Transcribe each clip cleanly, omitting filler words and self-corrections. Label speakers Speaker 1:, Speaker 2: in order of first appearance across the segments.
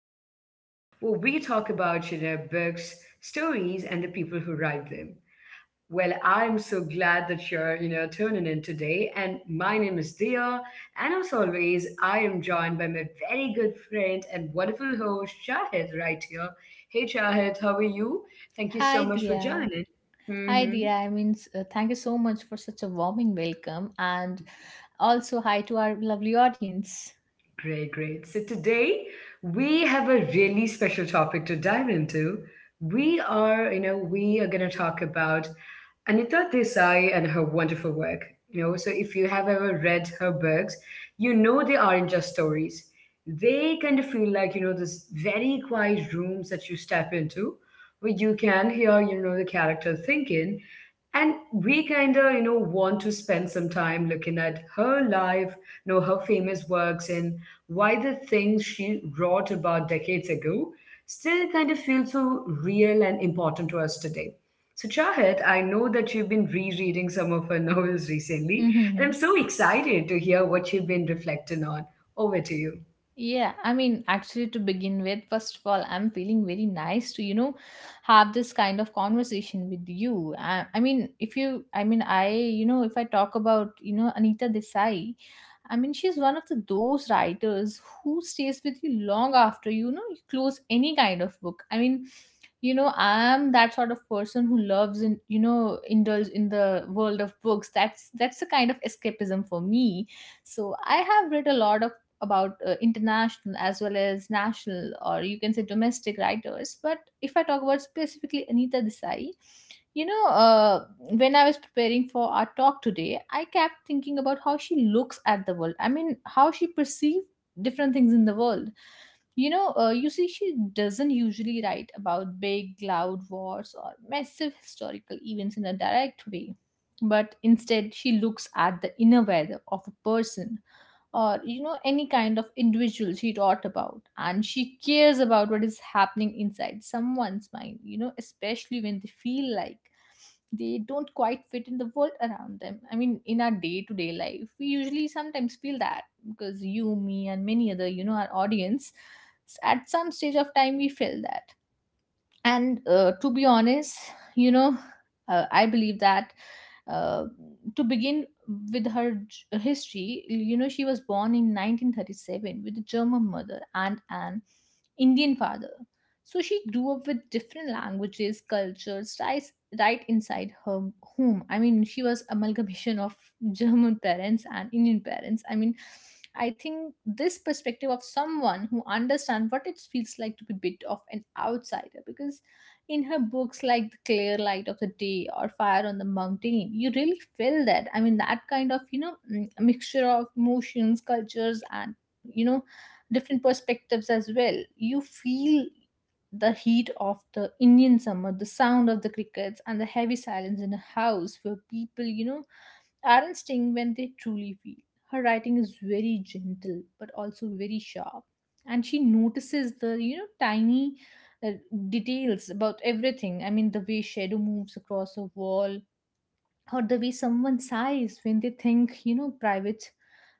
Speaker 1: corner where we talk about books, stories, and the people who write them. Well, I'm so glad that you're tuning in today, and my name is Dia, and as always, I am joined by my very good friend and wonderful host Shahid right here. Hey, Shahid, how are you? Thank you so
Speaker 2: Hi,
Speaker 1: much for
Speaker 2: Dia.
Speaker 1: joining. hmm
Speaker 2: Thank you so much for such a warming welcome, and also hi to our lovely audience.
Speaker 1: Great, great. So today we have a really special topic to dive into. We are going to talk about Anita Desai and her wonderful work. So if you have ever read her books, you know they aren't just stories. They kind of feel like, this very quiet rooms that you step into where you can hear, the character thinking. And we kind of, want to spend some time looking at her life, her famous works and why the things she wrote about decades ago still kind of feel so real and important to us today. So, Chahat, I know that you've been rereading some of her novels recently, and I'm so excited to hear what you've been reflecting on. Over to you.
Speaker 2: To begin with, first of all, I'm feeling very nice to, have this kind of conversation with you. I mean, if you, I mean, I, you know, If I talk about, Anita Desai, I mean, she's one of the those writers who stays with you long after, you close any kind of book. I'm that sort of person who loves and, indulge in the world of books. That's the kind of escapism for me. So I have read a lot of about international as well as national, or you can say domestic, writers. But if I talk about specifically Anita Desai, you know uh, when I was preparing for our talk today, I kept thinking about how she looks at the world. I mean, how she perceives different things in the world. You see, she doesn't usually write about big, loud wars or massive historical events in a direct way, but instead, she looks at the inner weather of a person or, you know, any kind of individual she taught about, and she cares about what is happening inside someone's mind, you know, especially when they feel like they don't quite fit in the world around them. I mean, in our day to day life, we usually sometimes feel that, because you, me, and many other, you know, our audience, at some stage of time we feel that. And to be honest, you know I believe that, uh, to begin with her history, you know, she was born in 1937 with a German mother and an Indian father. So she grew up with different languages, cultures, right inside her home. I mean, she was amalgamation of German parents and Indian parents. I mean, I think this perspective of someone who understands what it feels like to be a bit of an outsider, because in her books like The Clear Light of the Day or Fire on the Mountain, you really feel that. I mean, that kind of, mixture of emotions, cultures, and, you know, different perspectives as well. You feel the heat of the Indian summer, the sound of the crickets, and the heavy silence in a house where people, you know, aren't staying when they truly feel. Her writing is very gentle but also very sharp. And she notices the, you know, tiny uh, details about everything. I mean, the way shadow moves across a wall, or the way someone sighs when they think, you know, private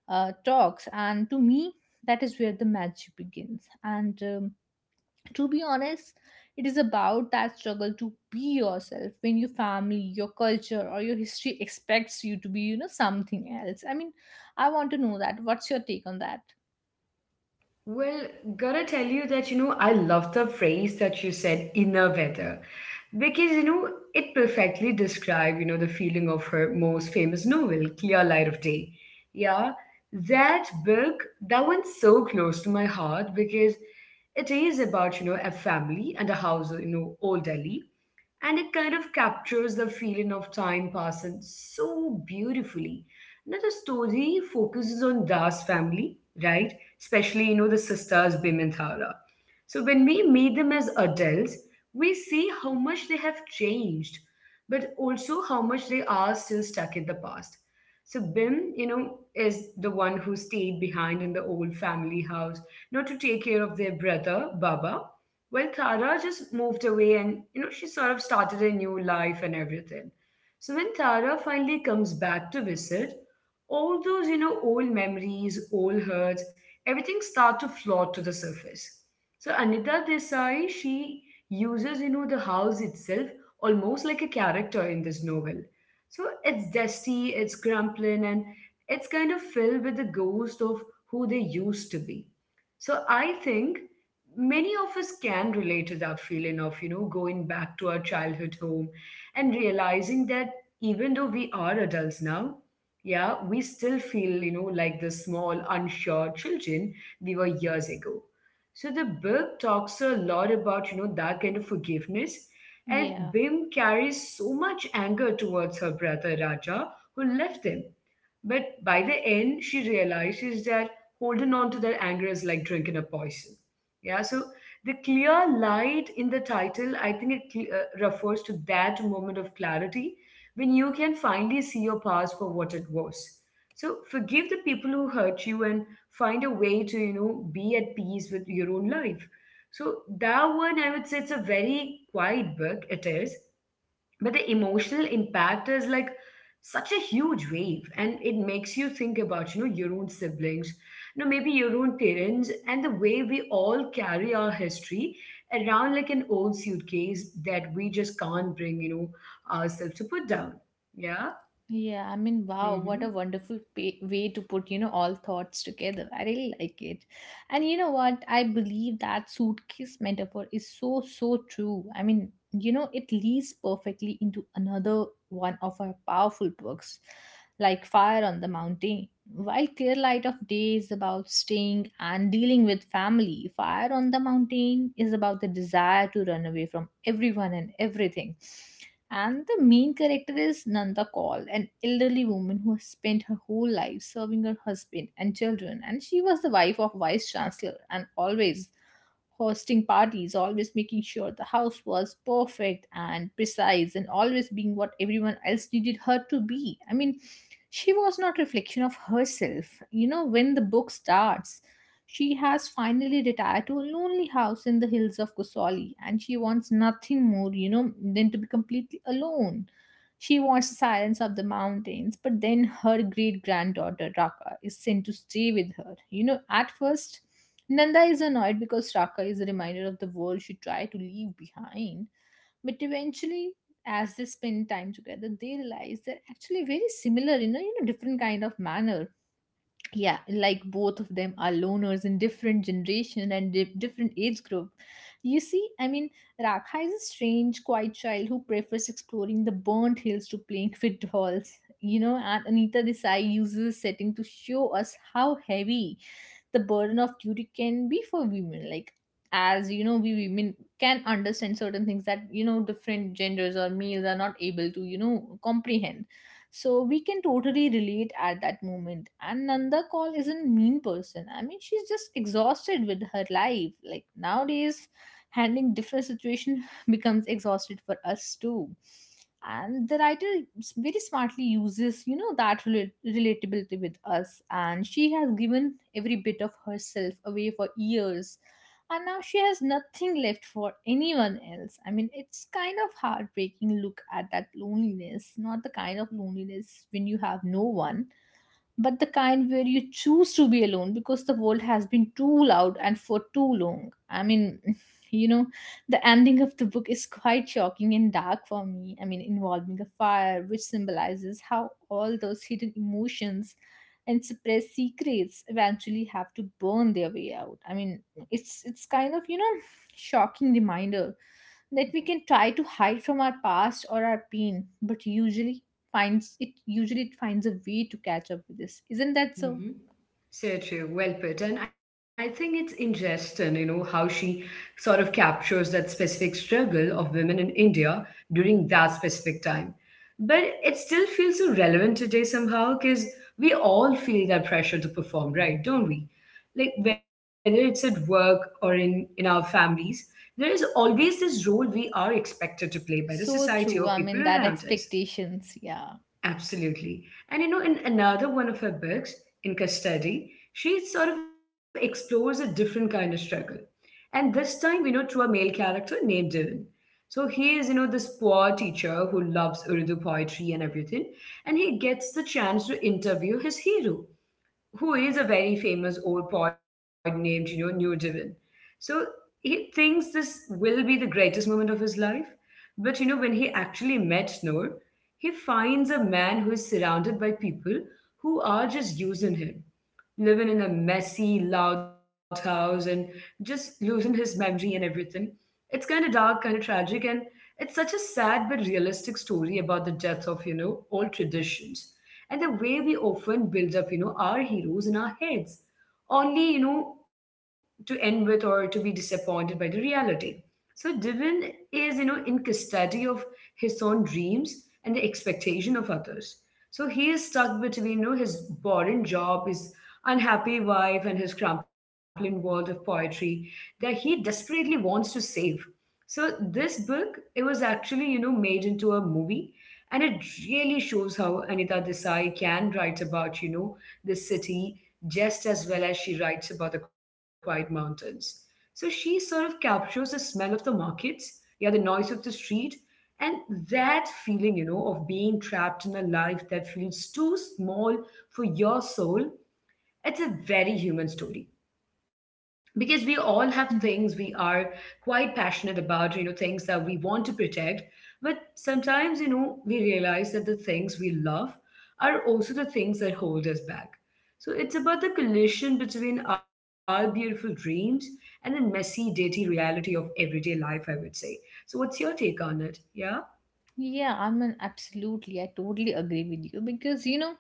Speaker 2: talks. And to me, that is where the magic begins. And to be honest, it is about that struggle to be yourself when your family, your culture, or your history expects you to be, you know, something else. I mean, I want to know that what's your take on that.
Speaker 1: Well, gotta tell you that, I love the phrase that you said, inner weather, because, it perfectly describes, the feeling of her most famous novel, Clear Light of Day. Yeah, that book, that one's so close to my heart because it is about, a family and a house, in, old Delhi, and it kind of captures the feeling of time passing so beautifully. Now the story focuses on Das family, right? Especially, you know, the sisters Bim and Thara. So when we meet them as adults, we see how much they have changed, but also how much they are still stuck in the past. So Bim, is the one who stayed behind in the old family house, not to take care of their brother Baba, well, Tara just moved away and, she sort of started a new life and everything. So when Tara finally comes back to visit, all those, old memories, old hurts, everything start to float to the surface. So Anita Desai, she uses, the house itself almost like a character in this novel. So it's dusty, it's crumbling, and it's kind of filled with the ghost of who they used to be. So I think many of us can relate to that feeling of, you know, going back to our childhood home and realizing that even though we are adults now, yeah, we still feel, you know, like the small unsure children we were years ago. So the book talks a lot about, that kind of forgiveness, and
Speaker 2: Yeah.
Speaker 1: Bim carries so much anger towards her brother Raja who left him, but by the end, she realizes that holding on to that anger is like drinking a poison. Yeah, so the clear light in the title, I think it refers to that moment of clarity when you can finally see your past for what it was. So forgive the people who hurt you and find a way to, be at peace with your own life. So that one, I would say it's a very quiet book. It is, but the emotional impact is like such a huge wave, and it makes you think about, you know, your own siblings, you know, maybe your own parents, and the way we all carry our history around like an old suitcase that we just can't bring, ourselves to put down. Yeah.
Speaker 2: Yeah, I mean, wow, what
Speaker 1: Hmm.
Speaker 2: a wonderful way to put, you know, all thoughts together. I really like it. And you know what? I believe that suitcase metaphor is so, so true. I mean, you know, it leads perfectly into another one of our powerful books, like Fire on the Mountain. While Clear Light of Day is about staying and dealing with family, Fire on the Mountain is about the desire to run away from everyone and everything, and the main character is Nanda Kaul, an elderly woman who has spent her whole life serving her husband and children. And she was the wife of vice chancellor and always hosting parties, always making sure the house was perfect and precise and always being what everyone else needed her to be. I mean, she was not reflection of herself. You know, when the book starts, she has finally retired to a lonely house in the hills of Kusali, and she wants nothing more, you know, than to be completely alone. She wants the silence of the mountains, but then her great granddaughter Raka is sent to stay with her. You know, at first, Nanda is annoyed because Raka is a reminder of the world she tried to leave behind. But eventually, as they spend time together, they realize they're actually very similar in a, you know, different kind of manner. Yeah, like both of them are loners in different generation and different age group. You see, I mean, Rakha is a strange, quiet child who prefers exploring the burnt hills to playing with dolls. You know, and Anita Desai uses the setting to show us how heavy the burden of duty can be for women. Like, as you know, we women can understand certain things that, you know, different genders or males are not able to, you know, comprehend. So we can totally relate at that moment. And Nanda Call isn't mean person. I mean, she's just exhausted with her life, like nowadays handling different situation becomes exhausted for us too. And the writer very smartly uses, you know, that relatability with us, and she has given every bit of herself away for years, and now she has nothing left for anyone else. I mean, it's kind of heartbreaking look at that loneliness, not the kind of loneliness when you have no one, but the kind where you choose to be alone because the world has been too loud and for too long. I mean, you know, the ending of the book is quite shocking and dark for me. I mean, involving a fire, which symbolizes how all those hidden emotions and suppressed secrets eventually have to burn their way out. I mean, it's kind of, you know, shocking reminder that we can try to hide from our past or our pain, but usually finds it, usually it finds a way to catch up with this, isn't that so?
Speaker 1: Mhm. So true, well put. And I think it's interesting, how she sort of captures that specific struggle of women in India during that specific time. But it still feels so relevant today somehow because we all feel that pressure to perform, right? Don't we? Like whether it's at work or in our families, there is always this role we are expected to play by the
Speaker 2: So true.
Speaker 1: society
Speaker 2: I
Speaker 1: or
Speaker 2: mean,
Speaker 1: people
Speaker 2: that
Speaker 1: around us.
Speaker 2: expectations, yeah.
Speaker 1: Absolutely. And you know, in another one of her books, In Custody, she sort of explores a different kind of struggle. And this time, through a male character named Devin. So he is, this poor teacher who loves Urdu poetry and everything, and he gets the chance to interview his hero who is a very famous old poet named, Newton. So he thinks this will be the greatest moment of his life. But you know, when he actually met Noor, he finds a man who is surrounded by people who are just using him, living in a messy, loud house, and just losing his memory and everything. It's kind of dark, kind of tragic, and it's such a sad but realistic story about the death of, old traditions and the way we often build up, our heroes in our heads, only, to end with or to be disappointed by the reality. So Divin is, in custody of his own dreams and the expectation of others. So he is stuck between, you know, his boring job, his unhappy wife, and his crumbling world of poetry that he desperately wants to save. So this book, it was actually, made into a movie. And it really shows how Anita Desai can write about, the city just as well as she writes about the quiet mountains. So she sort of captures the smell of the markets, yeah, the noise of the street, and that feeling, of being trapped in a life that feels too small for your soul. It's a very human story because we all have
Speaker 2: Mhm.
Speaker 1: things we are quite passionate about, you know, things that we want to protect, but sometimes, you know, we realize that the things we love are also the things that hold us back. So it's about the collision between our beautiful dreams and the messy, dirty reality of everyday life, I would say. So what's your take on it? Yeah.
Speaker 2: Yeah, I mean, absolutely. I totally agree with you because, you know,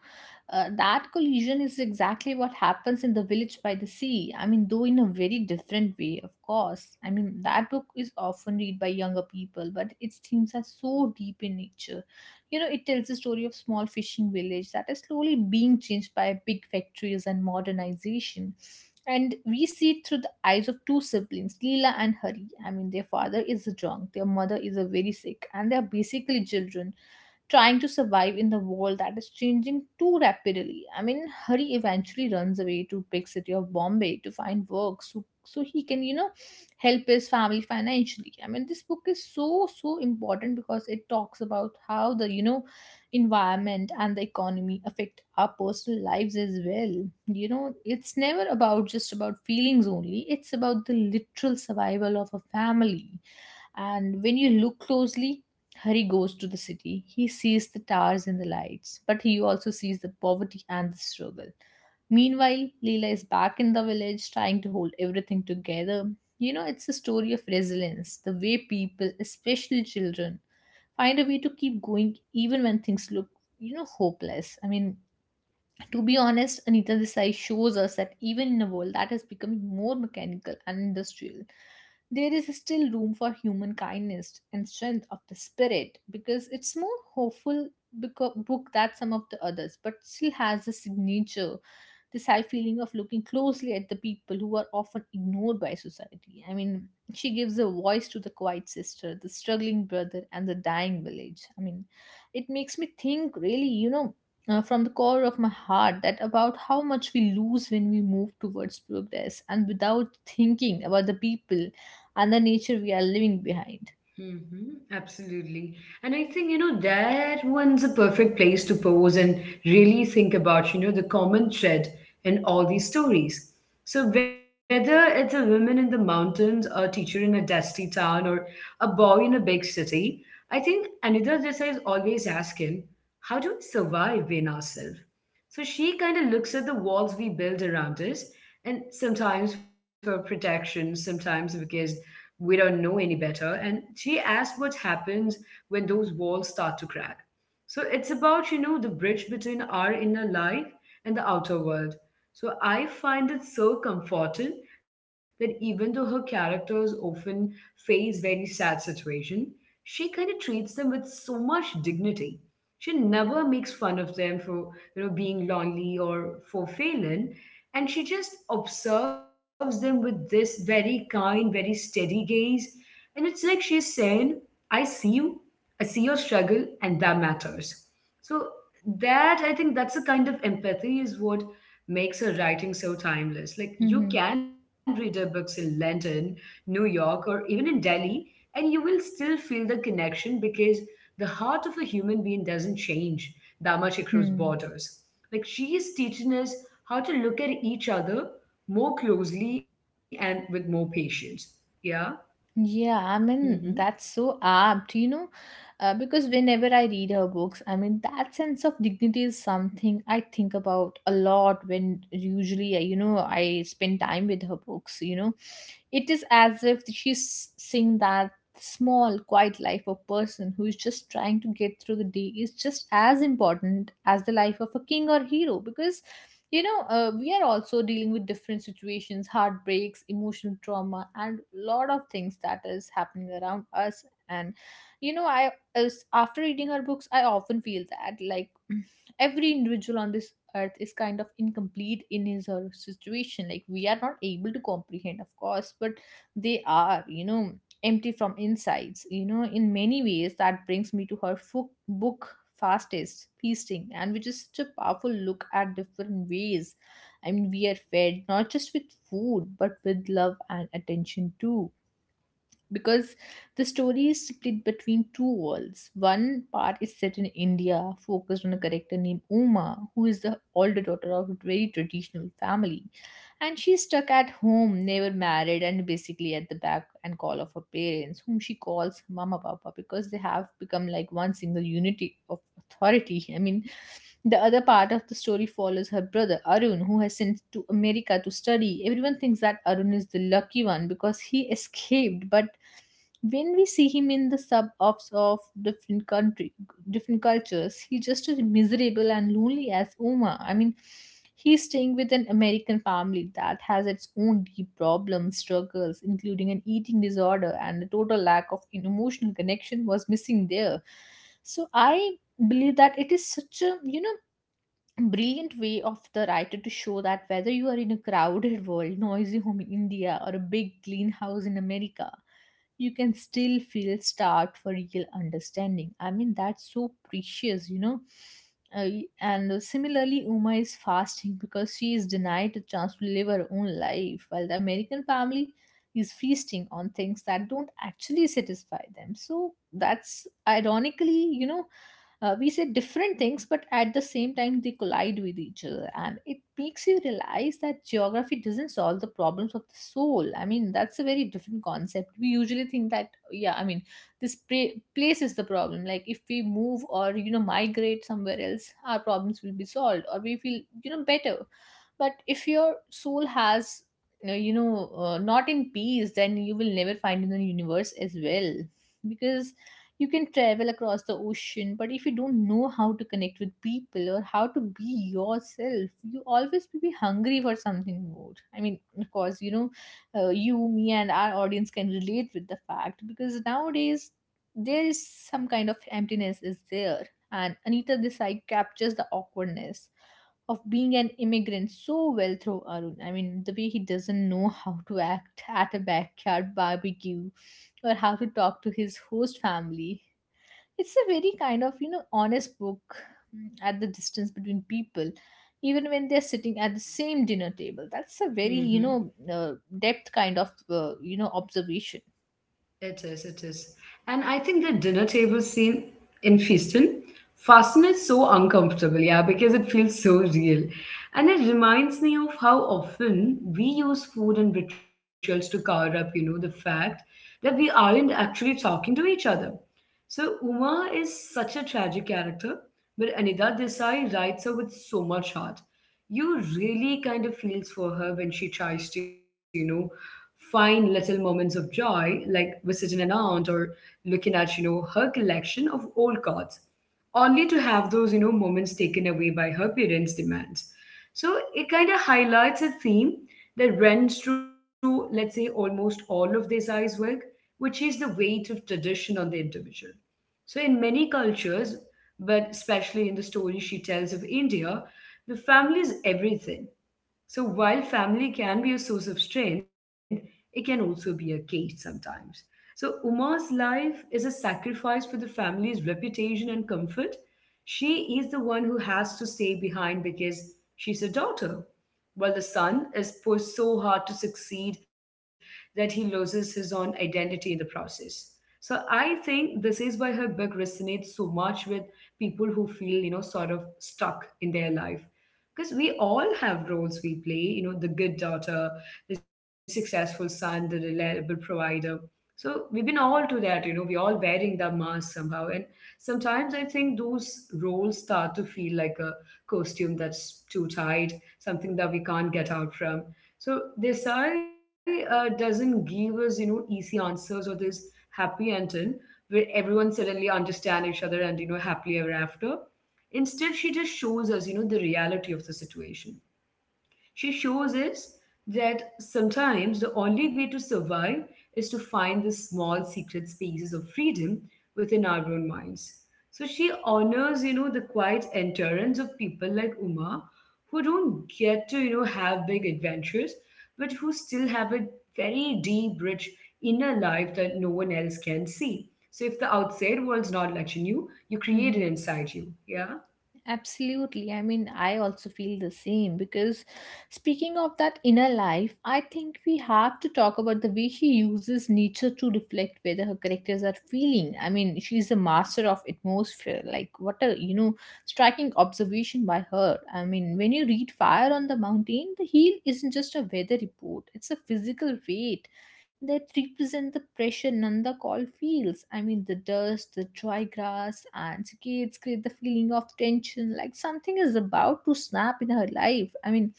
Speaker 2: that collision is exactly what happens in The Village by the Sea. I mean, though in a very different way, of course. I mean, that book is often read by younger people, but its themes are so deep in nature. You know, it tells the story of small fishing village that is slowly being changed by big factories and modernization. And we see it through the eyes of two siblings, Leela and Hari. I mean, their father is drunk, their mother is a very sick, and they are basically children trying to survive in the world that is changing too rapidly. I mean, Hari eventually runs away to big city of Bombay to find work, so he can, you know, help his family financially. I mean, this book is so so important because it talks about how the, you know, environment and the economy affect our personal lives as well. You know, it's never about just about feelings only. It's about the literal survival of a family. And when you look closely, Hari goes to the city. He sees the towers and the lights, but he also sees the poverty and the struggle. Meanwhile, Leela is back in the village trying to hold everything together. You know, it's a story of resilience, the way people, especially children, find a way to keep going even when things look, you know, hopeless. I mean, to be honest, Anita Desai shows us that even in a world that is becoming more mechanical and industrial, there is still room for human kindness and strength of the spirit, because it's more hopeful book than some of the others, but still has the signature, this high feeling of looking closely at the people who are often ignored by society. I mean, she gives a voice to the quiet sister, the struggling brother, and the dying village. I mean, it makes me think really, you know, from the core of my heart that about how much we lose when we move towards progress and without thinking about the people and the nature we are leaving behind.
Speaker 1: Mm-hmm, absolutely. And I think, that one's a perfect place to pause and really think about, the common thread in all these stories. So, whether it's a woman in the mountains, a teacher in a dusty town, or a boy in a big city, I think Anita Desai is always asking, how do we survive in ourselves? So she kind of looks at the walls we build around us, and sometimes for protection, sometimes because we don't know any better. And she asked what happens when those walls start to crack. So it's about, the bridge between our inner life and the outer world. So I find it so comforting that even though her characters often face very sad situation, she kind of treats them with so much dignity. She never makes fun of them for, being lonely or for failing. And she just observes them with this very kind, very steady gaze. And it's like she's saying, I see you, I see your struggle, and that matters. So that, I think that's the kind of empathy is what makes her writing so timeless. Like
Speaker 2: Hmm.
Speaker 1: you
Speaker 2: Hmm.
Speaker 1: can read her books in London, New York, or even in Delhi, and you will still feel the connection because the heart of a human being doesn't change that much across
Speaker 2: Hmm.
Speaker 1: borders. Like she is teaching us how to look at each other more closely and with more patience. Yeah.
Speaker 2: Yeah, I
Speaker 1: Mm-hmm.
Speaker 2: mean, that's so apt, you know, because whenever I read her books, I mean, that sense of dignity is something I think about a lot when usually, you know, I spend time with her books, you know. It is as if she's seeing that small, quiet life of person who is just trying to get through the day is just as important as the life of a king or hero because we are also dealing with different situations, heartbreaks, emotional trauma, and lot of things that is happening around us. And I as after reading her books, I often feel that like every individual on this earth is kind of incomplete in his or her situation, like we are not able to comprehend, of course, but they are, empty from insides. You know, in many ways, that brings me to her book, Fastest Feasting, and which is such a powerful look at different ways. I mean, we are fed not just with food, but with love and attention too. Because the story is split between two worlds. One part is set in India, focused on a character named Uma, who is the older daughter of a very traditional family, and she's stuck at home, never married, and basically at the back and call of her parents, whom she calls mama papa because they have become like one single unity of authority. I mean, the other part of the story follows her brother Arun, who has sent to America to study. Everyone thinks that Arun is the lucky one because he escaped, but when we see him in the suburbs of different country, different cultures, he's just as miserable and lonely as Uma. I mean, he's staying with an American family that has its own deep problems, struggles, including an eating disorder and a total lack of emotional connection was missing there. So I believe that it is such a, brilliant way of the writer to show that whether you are in a crowded world, noisy home in India, or a big clean house in America, you can still feel start for real understanding. I mean, that's so precious, you know. Uh, and similarly, Uma is fasting because she is denied the chance to live her own life, while the American family is feasting on things that don't actually satisfy them. So that's ironically, we say different things, but at the same time they collide with each other, and it makes you realize that geography doesn't solve the problems of the soul. I mean, that's a very different concept. We usually think that, yeah, I mean, this place is the problem, like if we move or, you know, migrate somewhere else, our problems will be solved or we feel, you know, better. But if your soul has, not in peace, then you will never find in the universe as well. Because you can travel across the ocean, but if you don't know how to connect with people or how to be yourself, you always will be hungry for something more. I mean, of course, you, me, and our audience can relate with the fact, because nowadays there is some kind of emptiness is there. And Anita Desai captures the awkwardness of being an immigrant so well through Arun. I mean, the way he doesn't know how to act at a backyard barbecue or how to talk to his host family, it's a very kind of, you know, honest book, at the distance between people, even when they're sitting at the same dinner table. That's a very, you
Speaker 1: Mm-hmm.
Speaker 2: know, depth kind of, you know, observation.
Speaker 1: It is, it is. And I think the dinner table scene in Feastin fascinates so uncomfortable, yeah, because it feels so real. And it reminds me of how often we use food and rituals to cover up, the fact that we aren't actually talking to each other. So Uma is such a tragic character, but Anida Desai writes her with so much heart. You really kind of feels for her when she tries to, find little moments of joy, like visiting an aunt or looking at, her collection of old cards only to have those, you know, moments taken away by her parents' demands. So it kind of highlights a theme that runs through, let's say, almost all of Desai's work, which is the weight of tradition on the individual. So, in many cultures, but especially in the story she tells of India, the family is everything. So while family can be a source of strength, it can also be a cage sometimes. So Uma's life is a sacrifice for the family's reputation and comfort. She is the one who has to stay behind because she's a daughter, while the son is pushed so hard to succeed that he loses his own identity in the process. So I think this is why her book resonates so much with people who feel, sort of stuck in their life because we all have roles we play. The good daughter, the successful son, the reliable provider. So we've been all to that. We're all wearing the mask somehow, and sometimes I think those roles start to feel like a costume that's too tight, something that we can't get out from. So Desai doesn't give us, easy answers or this happy ending where everyone suddenly understand each other and, happily ever after. Instead, she just shows us, the reality of the situation. She shows us that sometimes the only way to survive is to find the small secret spaces of freedom within our own minds. So she honors, the quiet endurance of people like Uma who don't get to, have big adventures, but who still have a very deep, rich inner life that no one else can see. So if the outside world's not letting you, you create
Speaker 2: Mm-hmm.
Speaker 1: it inside you. Yeah.
Speaker 2: Absolutely. I mean, I also feel the same because speaking of that inner life, I think we have to talk about the way she uses nature to reflect whether her characters are feeling. I mean, she's a master of atmosphere. Like, what a, you know, striking observation by her. I mean, when you read Fire on the Mountain, the heel isn't just a weather report, it's a physical weight that represent the pressure Nanda Call feels. I mean, the dust, the dry grass, and cicadas create the feeling of tension, like something is about to snap in her life. I mean,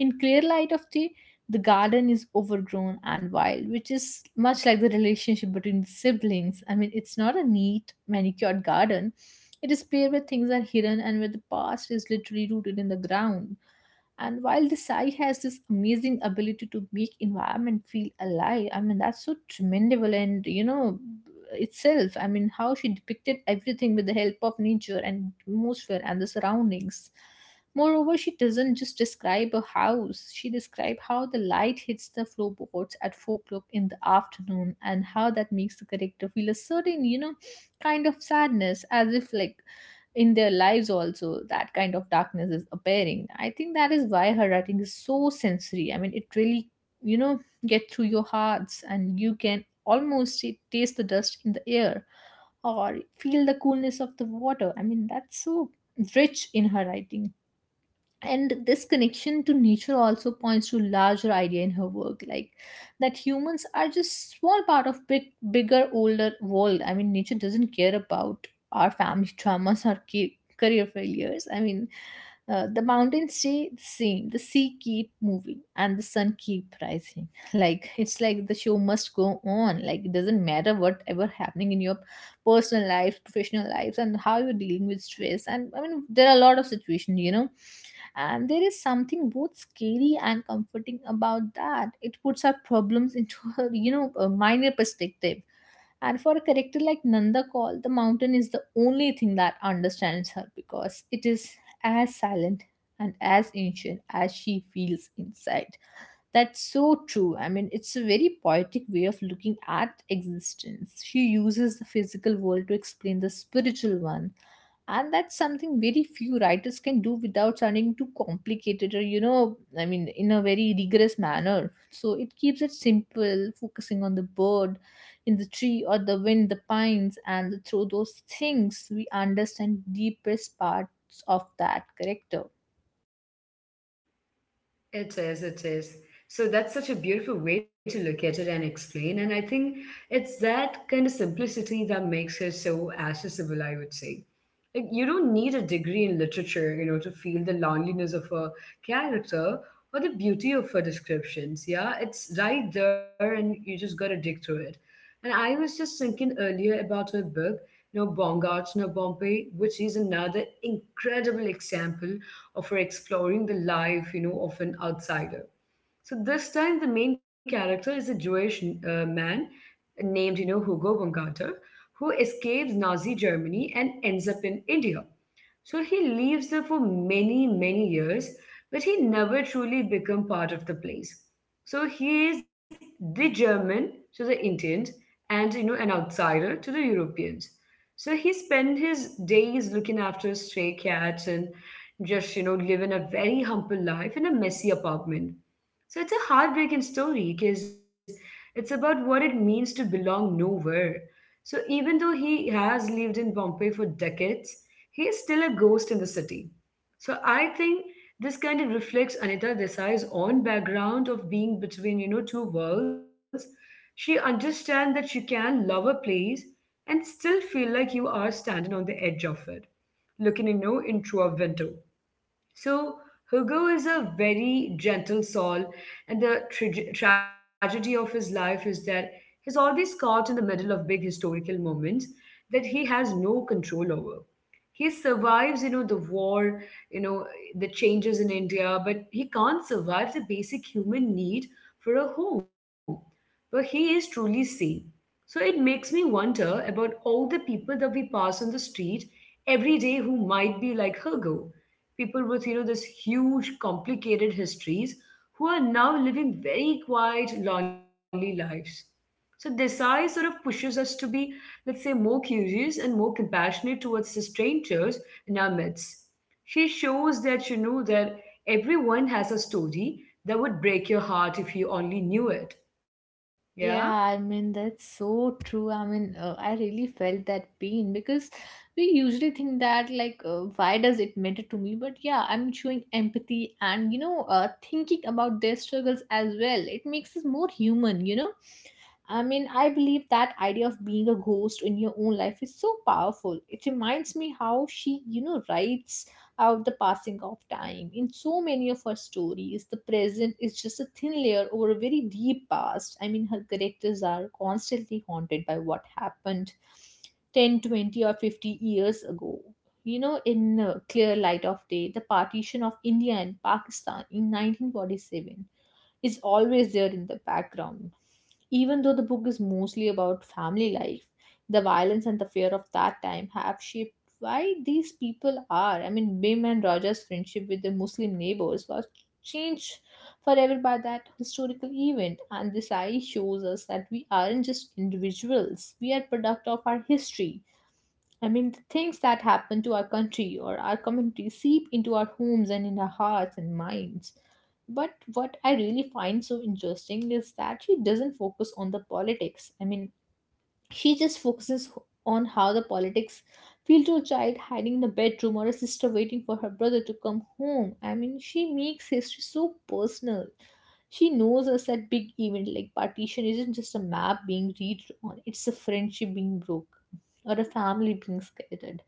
Speaker 2: in Clear Light of Day, the garden is overgrown and wild, which is much like the relationship between the siblings. I mean, it's not a neat, manicured garden. It is a place where things are hidden and where the past is literally rooted in the ground. And while the Sai has this amazing ability to make environment feel alive, I mean that's so tremendable and, you know, itself. I mean, how she depicted everything with the help of nature and atmosphere and the surroundings. Moreover, she doesn't just describe a house. She describes how the light hits the floorboards at 4 o'clock in the afternoon and how that makes the character feel a certain, you know, kind of sadness, as if like in their lives also that kind of darkness is appearing. I think that is why her writing is so sensory. I mean, it really, you know, get through your hearts, and you can almost taste the dust in the air or feel the coolness of the water. I mean, that's so rich in her writing. And this connection to nature also points to larger idea in her work, like that humans are just small part of big, bigger, older world. I mean, nature doesn't care about our family traumas or career failures. I mean, the mountains stay the same, the sea keep moving, and the sun keep rising. Like it's like the show must go on, like it doesn't matter whatever happening in your personal life, professional lives, and how you're dealing with stress. And I mean, there are a lot of situations, you know, and there is something both scary and comforting about that. It puts our problems into a, you know, a minor perspective. And for a character like Nanda Kaul, the mountain is the only thing that understands her because it is as silent and as ancient as she feels inside. That's so true. I mean, it's a very poetic way of looking at existence. She uses the physical world to explain the spiritual one. And that's something very few writers can do without sounding too complicated or, you know, I mean, in a very rigorous manner. So it keeps it simple, focusing on the bird in the tree or the wind, the pines, and through those things, we understand deepest parts of that character.
Speaker 1: It is, it is. So that's such a beautiful way to look at it and explain. And I think it's that kind of simplicity that makes it so accessible, I would say. Like you don't need a degree in literature, to feel the loneliness of a character or the beauty of her descriptions. Yeah, it's right there and you just gotta dig through it. And I was just thinking earlier about her book, Baumgartner Bombay, which is another incredible example or for exploring the life, of an outsider. So this time, the main character is a Jewish man named, Hugo Bangarter, who escapes Nazi Germany and ends up in India. So he lives there for many, many years, but he never truly become part of the place. So he is the German to the Indians and, you know, an outsider to the Europeans. So he spent his days looking after stray cats and just, you know, living a very humble life in a messy apartment. So it's a heartbreaking story because it's about what it means to belong nowhere, so even though he has lived in Bombay for decades, he is still a ghost in the city. So I think this kind of reflects Anita Desai's own background of being between, two worlds. She understands that you can love a place and still feel like you are standing on the edge of it, looking, in through a window. So Hugo is a very gentle soul, and the tragedy of his life is that he's always caught in the middle of big historical moments that he has no control over. He survives, you know, the war, you know, the changes in India, but he can't survive the basic human need for a home. But he is truly sane. So it makes me wonder about all the people that we pass on the street every day who might be like Hergo. People with, this huge, complicated histories who are now living very quiet, lonely lives. So Desai sort of pushes us to be, let's say, more curious and more compassionate towards the strangers in our midst. She shows that, you know, that everyone has a story that would break your heart if you only knew it. Yeah?
Speaker 2: Yeah, I mean, that's so true. I mean, I really felt that pain because we usually think that, like, why does it matter to me? But yeah, I'm showing empathy and, you know, thinking about their struggles as well. It makes us more human, you know? I mean, I believe that idea of being a ghost in your own life is so powerful. It reminds me how she, you know, writes out the passing of time. In so many of her stories, the present is just a thin layer over a very deep past. I mean, her characters are constantly haunted by what happened 10, 20, or 50 years ago. You know, in Clear Light of Day, the partition of India and Pakistan in 1947 is always there in the background. Even though the book is mostly about family life, the violence and the fear of that time have shaped why these people are. I mean, Bim and Raja's friendship with their Muslim neighbors was changed forever by that historical event. And this eye shows us that we aren't just individuals, we are product of our history. I mean, the things that happen to our country or our community seep into our homes and in our hearts and minds. But what I really find so interesting is that she doesn't focus on the politics. I mean, she just focuses on how the politics feel to a child hiding in the bedroom or a sister waiting for her brother to come home. I mean, she makes history so personal. She knows us that big event like partition isn't just a map being redrawn, it's a friendship being broken or a family being scattered.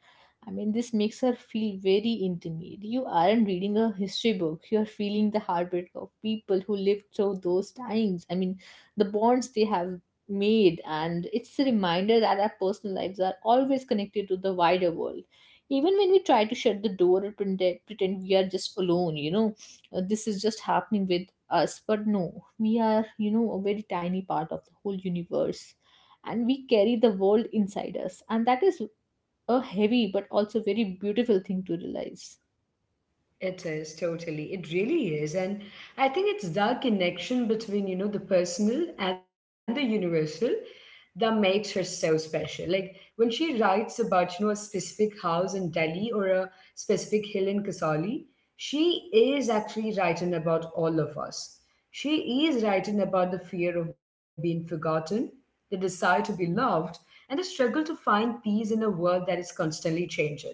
Speaker 2: I mean, this makes her feel very intimate. You aren't reading a history book, you're feeling the heartbreak of people who lived through those times. I mean, the bonds they have made, and it's a reminder that our personal lives are always connected to the wider world, even when we try to shut the door and pretend we are just alone, you know, this is just happening with us. But no, we are, you know, a very tiny part of the whole universe, and we carry the world inside us, and that is a heavy but also very beautiful thing to realize.
Speaker 1: It is totally. It really is. And I think it's the connection between, the personal and the universal that makes her so special. Like when she writes about, a specific house in Delhi or a specific hill in Kasauli, she is actually writing about all of us. She is writing about the fear of being forgotten, the desire to be loved, and the struggle to find peace in a world that is constantly changing.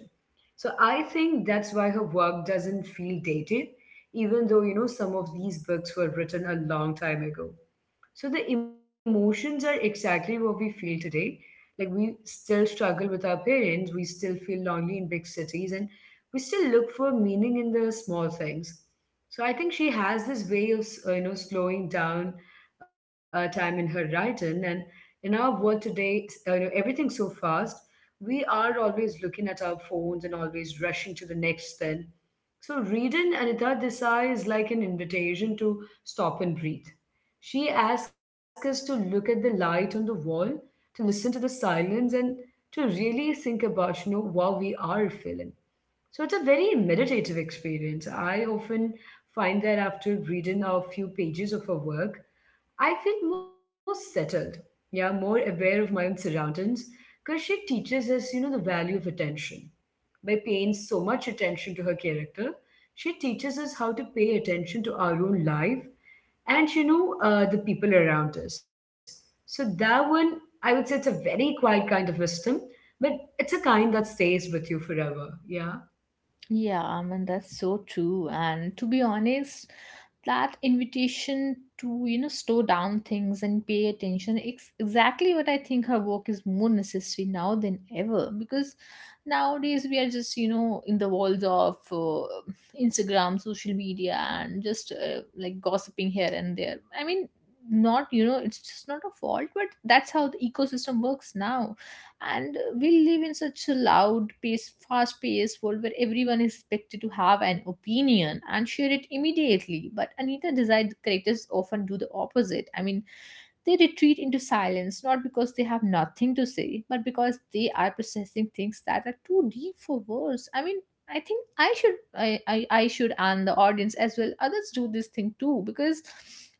Speaker 1: So I think that's why her work doesn't feel dated, even though, some of these books were written a long time ago. So the emotions are exactly what we feel today. Like we still struggle with our parents, we still feel lonely in big cities, and we still look for meaning in the small things. So I think she has this way of you know, slowing down time in her writing, and in our world today, you know, everything's so fast. We are always looking at our phones and always rushing to the next thing, so reading Anita Desai is like an invitation to stop and breathe. She asks us to look at the light on the wall, to listen to the silence, and to really think about, what we are feeling. So, it's a very meditative experience. I often find that after reading a few pages of her work, I feel more settled, yeah, more aware of my own surroundings, because she teaches us, the value of attention by paying so much attention to her character. She teaches us how to pay attention to our own life and, the people around us. So, that one, I would say it's a very quiet kind of wisdom, but it's a kind that stays with you forever. Yeah,
Speaker 2: Yeah, I mean that's so true. And to be honest, that invitation to, you know, slow down things and pay attention, it's exactly what I think her work is more necessary now than ever. Because nowadays we are just, you know, in the walls of Instagram, social media, and just like gossiping here and there. I mean, not, you know, it's just not a fault, but that's how the ecosystem works now, and we live in such a loud pace, fast paced world where everyone is expected to have an opinion and share it immediately. But Anita desired characters often do the opposite. They retreat into silence, not because they have nothing to say, but because they are processing things that are too deep for words. I mean, I think I should, I should, and the audience as well, others do this thing too. Because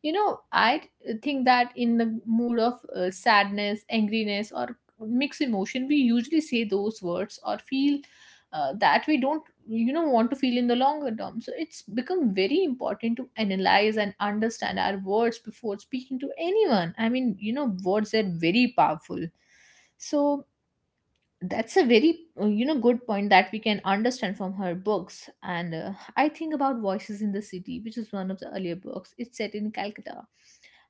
Speaker 2: you know I think that in the mood of sadness, angriness, or mix emotion, we usually say those words or feel that we don't, you know, want to feel in the longer term. So it's become very important to analyze and understand our words before speaking to anyone. I mean, you know, words are very powerful. So that's a very you know, good point that we can understand from her books. And I think about Voices in the City, which is one of the earlier books. It's set in Calcutta,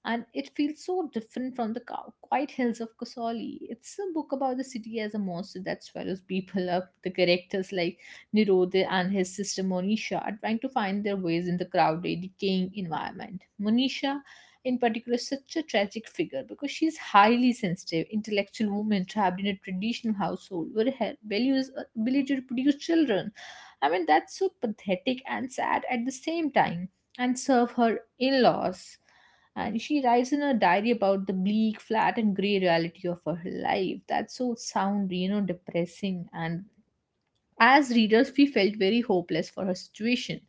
Speaker 2: and it feels so different from the quiet hills of Kasauli. It's a book about the city as a monster that swallows people up. The characters like Nirodha and his sister Monisha are trying to find their ways in the crowded, decaying environment. Monisha, in particular, such a tragic figure because she is highly sensitive, intellectual woman trapped in a traditional household where her values ability to produce children. I mean, that's so pathetic and sad at the same time, and serve her in-laws. And she writes in her diary about the bleak, flat, and grey reality of her life. That's so sound, you know, depressing, and as readers, we felt very hopeless for her situation.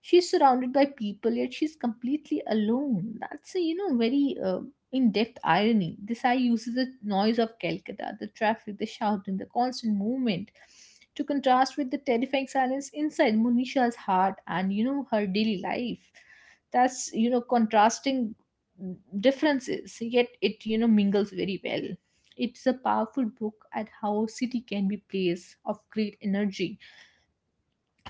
Speaker 2: She's surrounded by people, yet she's completely alone. That's a, you know, very in-depth irony. This Desai uses the noise of Calcutta, the traffic, the shouting, the constant movement, to contrast with the terrifying silence inside Monisha's heart, and you know, her daily life. That's, you know, contrasting differences, yet it, you know, mingles very well. It's a powerful book at how city can be place of great energy,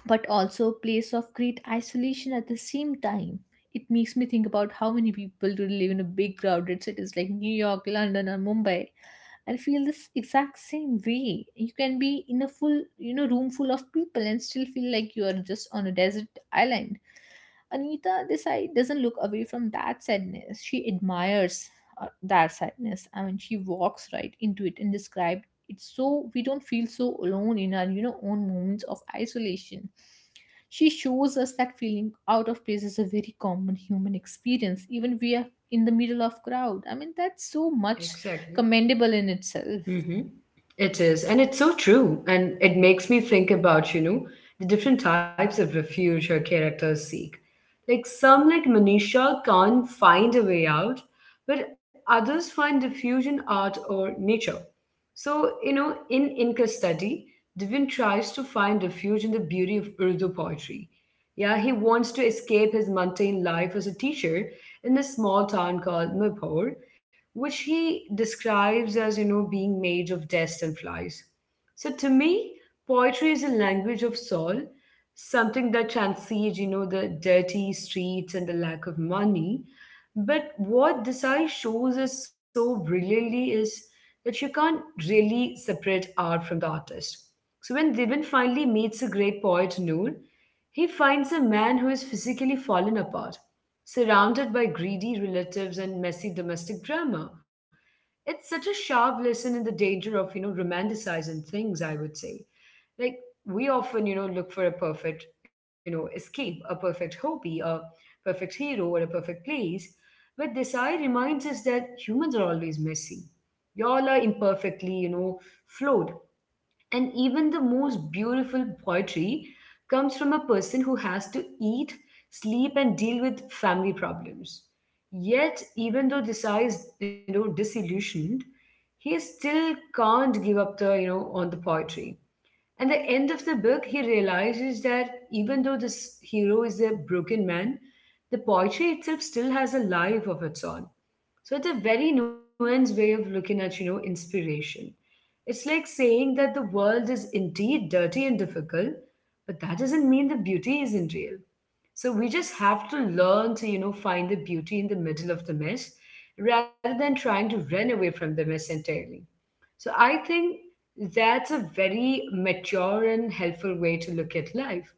Speaker 2: but also place of great isolation at the same time. It makes me think about how many people do live in a big crowded cities like New York, London, or Mumbai. I feel this exact same way. You can be in a full, you know, room full of people and still feel like you are just on a desert island. Anita Desai doesn't look away from that sadness. She admires that sadness. I mean, she walks right into it and describes it so we don't feel so alone in our, you know, own moments of isolation. She shows us that feeling out of place is a very common human experience, even we are in the middle of crowd. I mean, that's so much
Speaker 1: exactly.
Speaker 2: commendable in itself.
Speaker 1: Mm-hmm. It is, and it's so true. And it makes me think about, the different types of refuge her characters seek. Like some, like Manisha, can't find a way out, but others find refuge in art or nature. So, in Inca study, Divin tries to find refuge in the beauty of Urdu poetry. Yeah, he wants to escape his mundane life as a teacher in a small town called Mapur, which he describes as, being made of dust and flies. So to me, poetry is a language of soul, something that transcends, the dirty streets and the lack of money. But what Desai shows us so brilliantly is that you can't really separate art from the artist. So when Divan finally meets a great poet, Noor, he finds a man who is physically fallen apart, surrounded by greedy relatives and messy domestic drama. It's such a sharp lesson in the danger of, romanticizing things, I would say. Like, we often, look for a perfect, escape, a perfect hobby, a perfect hero, or a perfect place. But Desai reminds us that humans are always messy. Y'all are imperfectly, flawed. And even the most beautiful poetry comes from a person who has to eat, sleep, and deal with family problems. Yet, even though Desai is, disillusioned, he still can't give up the, on the poetry. At the end of the book, he realizes that even though this hero is a broken man, the poetry itself still has a life of its own. So it's a very nuanced way of looking at, inspiration. It's like saying that the world is indeed dirty and difficult, but that doesn't mean the beauty isn't real. So we just have to learn to, find the beauty in the middle of the mess rather than trying to run away from the mess entirely. So I think that's a very mature and helpful way to look at life.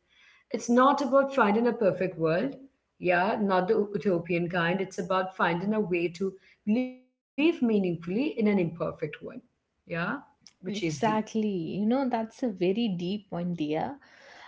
Speaker 1: It's not about finding a perfect world. Yeah, not the utopian kind. It's about finding a way to live meaningfully in an imperfect one. Yeah, which is deep.
Speaker 2: Exactly. You know, that's a very deep one, dear.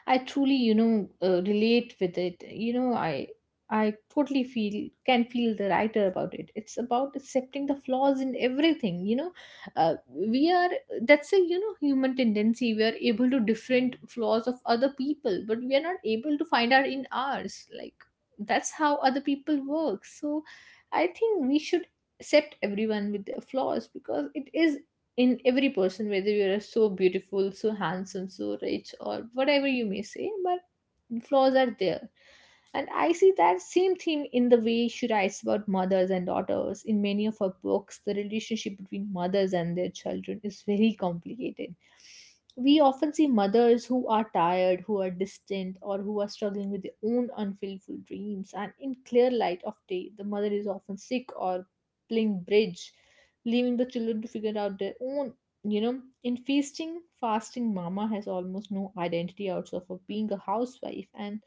Speaker 2: I truly, you know, relate with it. I totally feel, can feel the writer about it. It's about accepting the flaws in everything. You know, we are, that's a, you know, human tendency. We are able to different flaws of other people, but we are not able to find out in ours. Like, that's how other people work. So I think we should accept everyone with their flaws, because it is in every person, whether you are so beautiful, so handsome, so rich, or whatever you may say, but and flaws are there. And I see that same theme in the way she writes about mothers and daughters. In many of her books, the relationship between mothers and their children is very complicated. We often see mothers who are tired, who are distant, or who are struggling with their own unfulfilled dreams. And in Clear Light of Day, the mother is often sick or playing bridge, leaving the children to figure out their own, you know. In Feasting, Fasting, Mama has almost no identity outside of being a housewife, and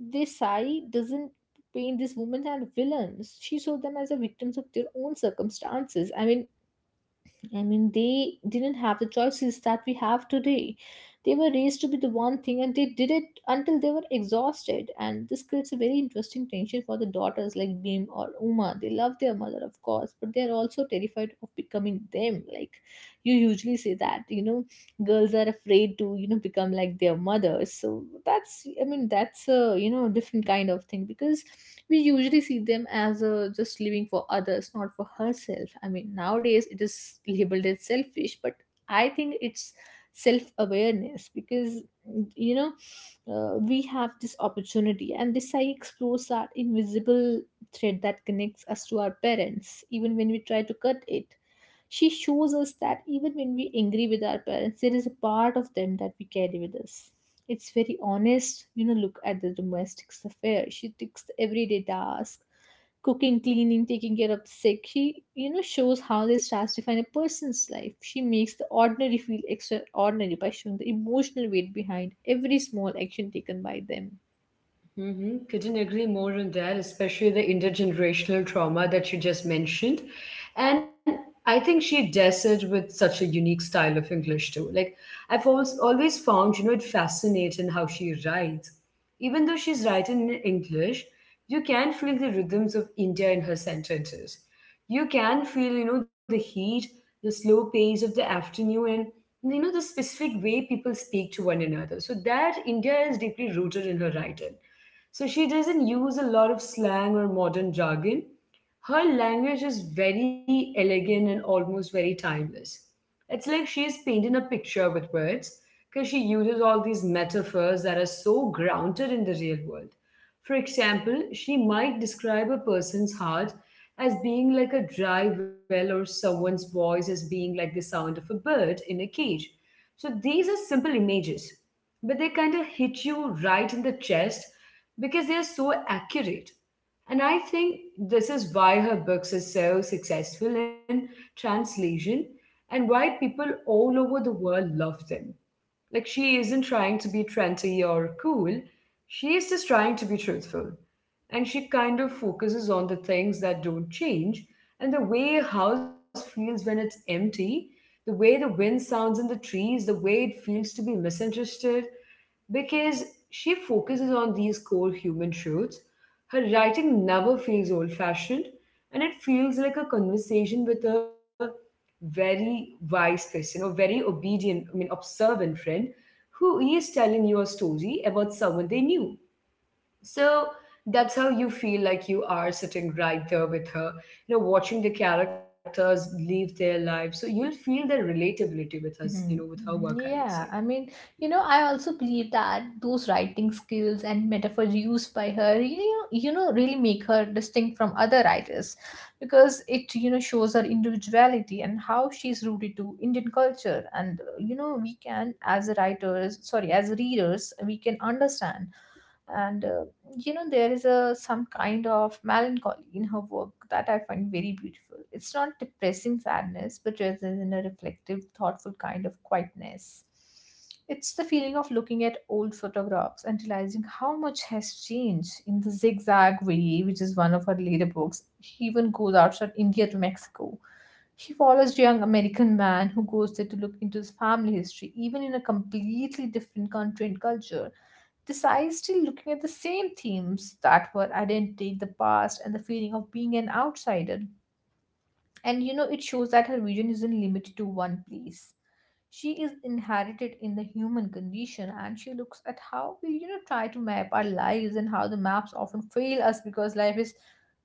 Speaker 2: this sari doesn't paint these women as villains. She saw them as the victims of their own circumstances. I mean, they didn't have the choices that we have today. They were raised to be the one thing and they did it until they were exhausted. And this creates a very interesting tension for the daughters like Bim or Uma. They love their mother, of course, but they're also terrified of becoming them. Like, you usually say that, you know, girls are afraid to, you know, become like their mothers. So that's, I mean, that's a, you know, different kind of thing because we usually see them as a, just living for others, not for herself. I mean, nowadays it is labeled as selfish, but I think it's self-awareness, because you know we have this opportunity, and this I explores that invisible thread that connects us to our parents even when we try to cut it. She shows us that even when we angry with our parents, there is a part of them that we carry with us. It's very honest, you know, look at the domestic affair. She takes the everyday tasks, cooking, cleaning, taking care of the sick. She, you know, shows how this tasks define a person's life. She makes the ordinary feel extraordinary by showing the emotional weight behind every small action taken by them.
Speaker 1: Mm-hmm. Couldn't agree more on that, especially the intergenerational trauma that you just mentioned. And I think she does it with such a unique style of English too. Like I've always found, it fascinating how she writes. Even though she's writing in English, you can feel the rhythms of India in her sentences. You can feel, the heat, the slow pace of the afternoon, and, you know, the specific way people speak to one another. So that India is deeply rooted in her writing, so she doesn't use a lot of slang or modern jargon. Her language is very elegant and almost very timeless. It's like she's painting a picture with words because she uses all these metaphors that are so grounded in the real world. For example, she might describe a person's heart as being like a dry well or someone's voice as being like the sound of a bird in a cage. So these are simple images, but they kind of hit you right in the chest because they are so accurate. And I think this is why her books are so successful in translation and why people all over the world love them. Like she isn't trying to be trendy or cool. She's just trying to be truthful. And she kind of focuses on the things that don't change and the way a house feels when it's empty, the way the wind sounds in the trees, the way it feels to be misunderstood. Because she focuses on these core human truths. Her writing never feels old fashioned and it feels like a conversation with a very wise person or very obedient, observant friend who is telling you a story about someone they knew. So that's how you feel like you are sitting right there with her, you know, watching the characters live their life. So you'll feel the relatability with us, you know,
Speaker 2: Mm-hmm.
Speaker 1: with her work, I
Speaker 2: Mm-hmm.
Speaker 1: would say.
Speaker 2: Yeah, I mean, you know, I also believe that those writing skills and metaphors used by her, you know, really make her distinct from other writers, because it, you know, shows her individuality and how she's rooted to Indian culture. And you know, we can, as writers, sorry, as readers, we can understand. And you know, there is a some kind of melancholy in her work that I find very beautiful. It's not depressing sadness, but rather in a reflective, thoughtful kind of quietness. It's the feeling of looking at old photographs and realizing how much has changed. In The Zigzag Way, which is one of her later books, she even goes outside India to Mexico. She follows a young American man who goes there to look into his family history, even in a completely different country and culture. This eye is still looking at the same themes that were identity, the past, and the feeling of being an outsider. And you know, it shows that her vision isn't limited to one place. She is inherited in the human condition, and she looks at how we, you know, try to map our lives and how the maps often fail us, because life is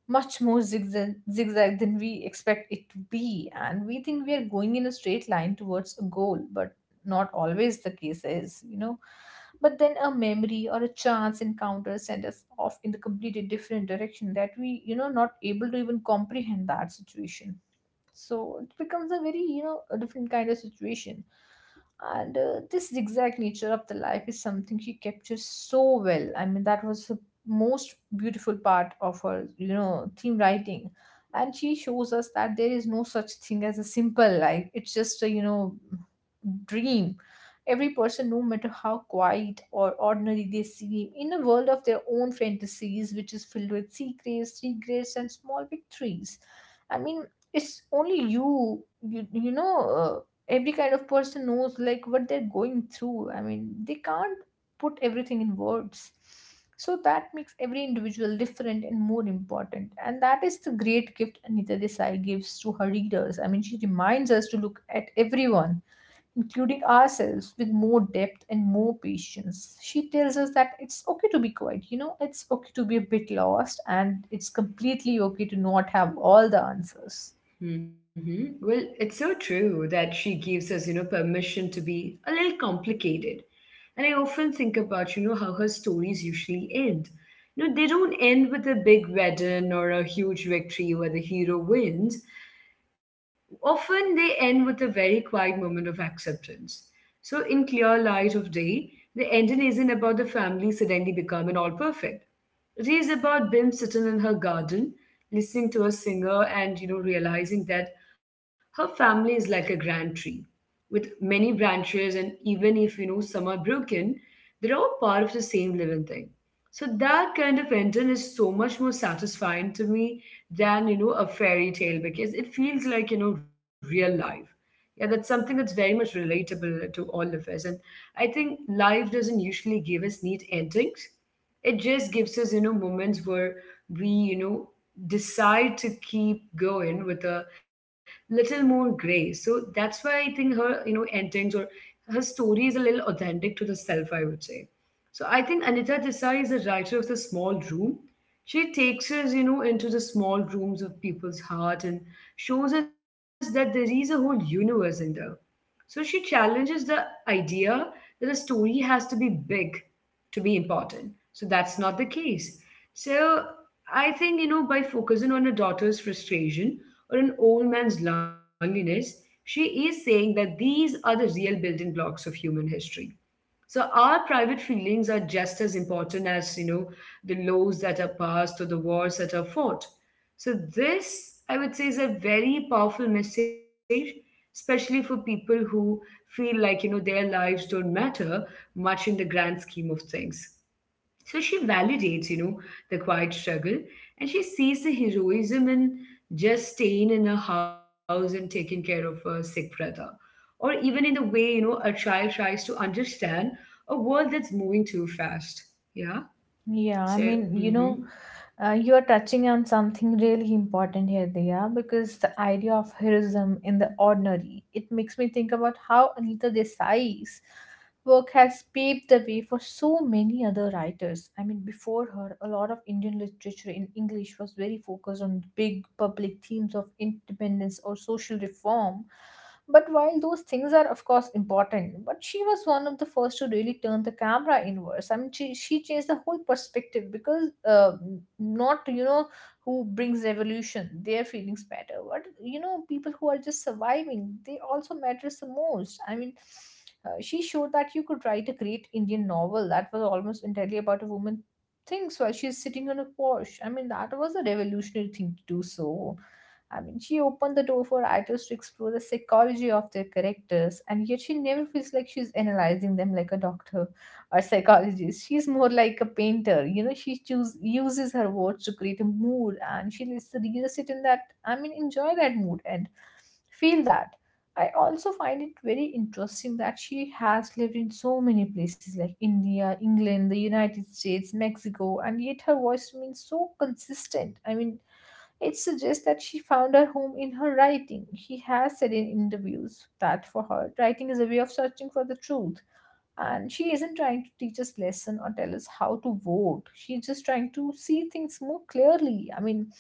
Speaker 2: much more zigzag than we expect it to be. And we think we are going in a straight line towards a goal, but not always the case is, you know. But then a memory or a chance encounter send us off in the completely different direction that we, you know, not able to even comprehend that situation. So it becomes a very, you know, a different kind of situation. And this zigzag nature of the life is something she captures so well. I mean, that was the most beautiful part of her, you know, theme writing. And she shows us that there is no such thing as a simple life. It's just a, you know, dream. Every person, no matter how quiet or ordinary they seem, in a world of their own fantasies which is filled with secrets, regrets, and small victories. I mean, it's only you know, uh, every kind of person knows like what they're going through. I mean, they can't put everything in words. So that makes every individual different and more important, and that is the great gift Anita Desai gives to her readers. I mean, she reminds us to look at everyone, including ourselves, with more depth and more patience. She tells us that it's okay to be quiet, you know, it's okay to be a bit lost, and it's completely okay to not have all the answers.
Speaker 1: Well, it's so true that she gives us, you know, permission to be a little complicated. And I often think about, you know, how her stories usually end. You know, they don't end with a big wedding or a huge victory where the hero wins. Often they end with a very quiet moment of acceptance. So, in clear light of day, the ending isn't about the family suddenly becoming all perfect reads about Bim sitting in her garden, listening to a singer, and you know, realizing that her family is like a grand tree with many branches, and even if you know some are broken, they're all part of the same living thing. So that kind of ending is so much more satisfying to me than you know a fairy tale because it feels like you know real life. Yeah, that's something that's very much relatable to all of us, and I think life doesn't usually give us neat endings. It just gives us you know moments where we you know decide to keep going with a little more grace. So that's why I think her you know endings or her story is a little authentic to the self, I would say. So I think Anita Desai is a writer of the small room. She takes us, you know, into the small rooms of people's heart and shows us that there is a whole universe in there. So she challenges the idea that a story has to be big to be important. So that's not the case. So I think, you know, by focusing on her daughter's frustration or an old man's loneliness, she is saying that these are the real building blocks of human history, so our private feelings are just as important as, you know, the laws that are passed or the wars that are fought. So this, I would say, is a very powerful message, especially for people who feel like, you know, their lives don't matter much in the grand scheme of things. So she validates, you know, the quiet struggle, and she sees the heroism in just staying in a house and taking care of a sick brother. Or even in the way, you know, a child tries to understand a world that's moving too fast. Yeah.
Speaker 2: Yeah, I
Speaker 1: So,
Speaker 2: mean, you know,
Speaker 1: mhm.
Speaker 2: you are touching on something really important here, Diya, because the idea of heroism in the ordinary, it makes me think about how Anita Desai's work has paved the way for so many other writers. I mean, before her, a lot of Indian literature in English was very focused on big public themes of independence or social reform. But while those things are, of course, important, but she was one of the first to really turn the camera inwards. I mean, she changed the whole perspective because not, you know, who brings revolution, their feelings matter. But, you know, people who are just surviving, they also matters the most. I mean, she showed that you could write a great Indian novel that was almost entirely about a woman thinks while she's sitting on a porch. I mean, that was a revolutionary thing to do so. I mean, she opened the door for writers to explore the psychology of their characters, and yet she never feels like she's analyzing them like a doctor or psychologist. She's more like a painter. She uses her words to create a mood, and she lets the reader sit in that, enjoy that mood and feel that. I also find it very interesting that she has lived in so many places like India, England, the United States, Mexico, and yet her voice remains so consistent. I mean, it suggests that she found her home in her writing. He has said in interviews that for her, writing is a way of searching for the truth. And she isn't trying to teach us lesson or tell us how to vote. She's just trying to see things more clearly. I mean,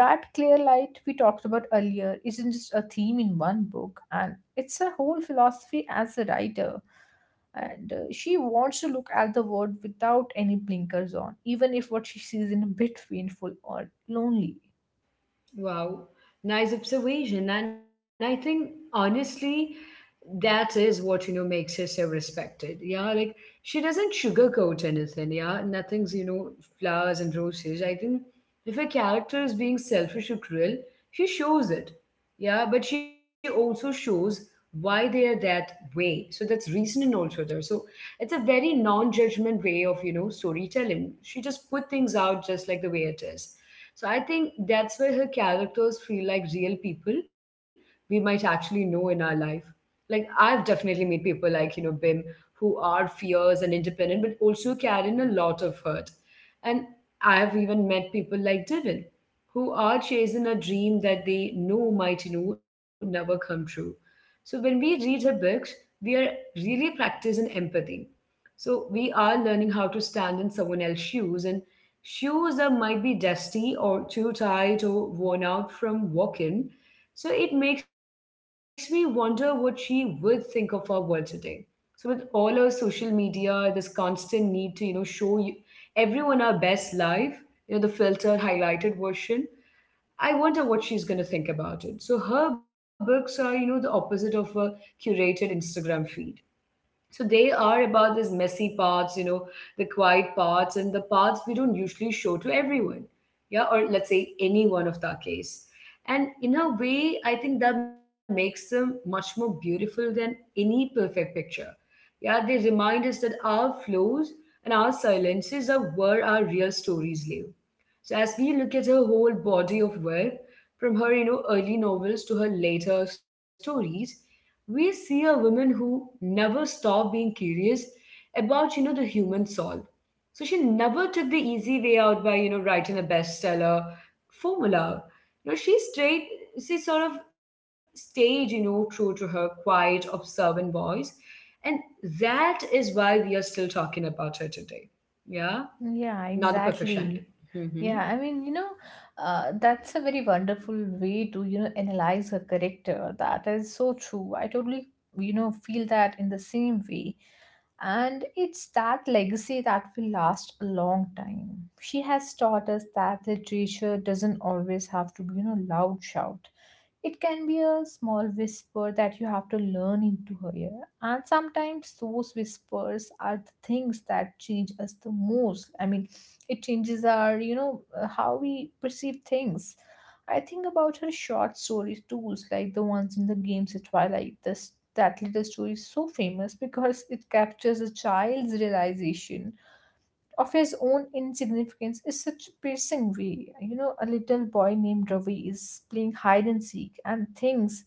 Speaker 2: that clear light we talked about earlier isn't just a theme in one book, and it's her whole philosophy as a writer. And She wants to look at the world without any blinkers on, even if what she sees is a bit painful or lonely.
Speaker 1: Wow, nice observation. And I think honestly, that is what you know makes her so respected. Yeah, like she doesn't sugarcoat anything. Yeah, nothing's you know flowers and roses. I think if a character is being selfish or cruel, she shows it. Yeah, but she also shows why they are that way. So that's reasoning also there. So it's a very non-judgment way of you know storytelling. She just put things out just like the way it is. So I think that's where her characters feel like real people we might actually know in our life. Like I've definitely met people like, you know, Bim who are fierce and independent but also carry in a lot of hurt. And I've even met people like Devin who are chasing a dream that they know might, you know, never come true. So when we read her books, we are really practicing empathy. So we are learning how to stand in someone else's shoes and shoes that might be dusty or too tight or worn out from walking. So it makes me wonder what she would think of our world today. So with all our social media, this constant need to you know show you, everyone our best life, you know the filtered, highlighted version. I wonder what she's going to think about it. So her books are you know the opposite of a curated Instagram feed. So they are about these messy parts, you know, the quiet parts and the parts we don't usually show to everyone. Yeah, or let's say anyone of that case. And in a way, I think that makes them much more beautiful than any perfect picture. Yeah, they remind us that our flaws and our silences are where our real stories live. So as we look at her whole body of work, from her you know early novels to her later stories, we see a woman who never stopped being curious about you know the human soul. So she never took the easy way out by you know writing a bestseller formula. You know she sort of stayed you know true to her quiet observant voice, and that is why we are still talking about her today. Yeah,
Speaker 2: Yeah,
Speaker 1: not the perfect child.
Speaker 2: exactly.
Speaker 1: Mm-hmm.
Speaker 2: Yeah, I mean, that's a very wonderful way to, analyze her character. That is so true. I totally, feel that in the same way. And it's that legacy that will last a long time. She has taught us that literature doesn't always have to be, you know, loud shout. It can be a small whisper that you have to learn into her ear. And sometimes those whispers are the things that change us the most. I mean, it changes our, how we perceive things. I think about her short stories too, like the ones in the games at Twilight. This that little story is so famous because it captures a child's realization of his own insignificance is such a piercing way. You know, a little boy named Ravi is playing hide and seek and thinks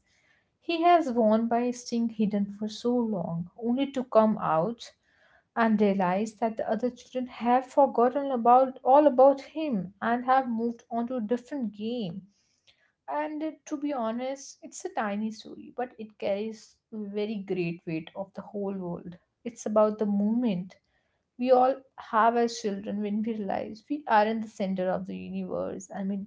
Speaker 2: he has won by staying hidden for so long, only to come out and realize that the other children have forgotten about all about him and have moved on to a different game. And To be honest, it's a tiny story, but it carries very great weight of the whole world. It's about the moment we all have as children when we realize we aren't the center of the universe. I mean,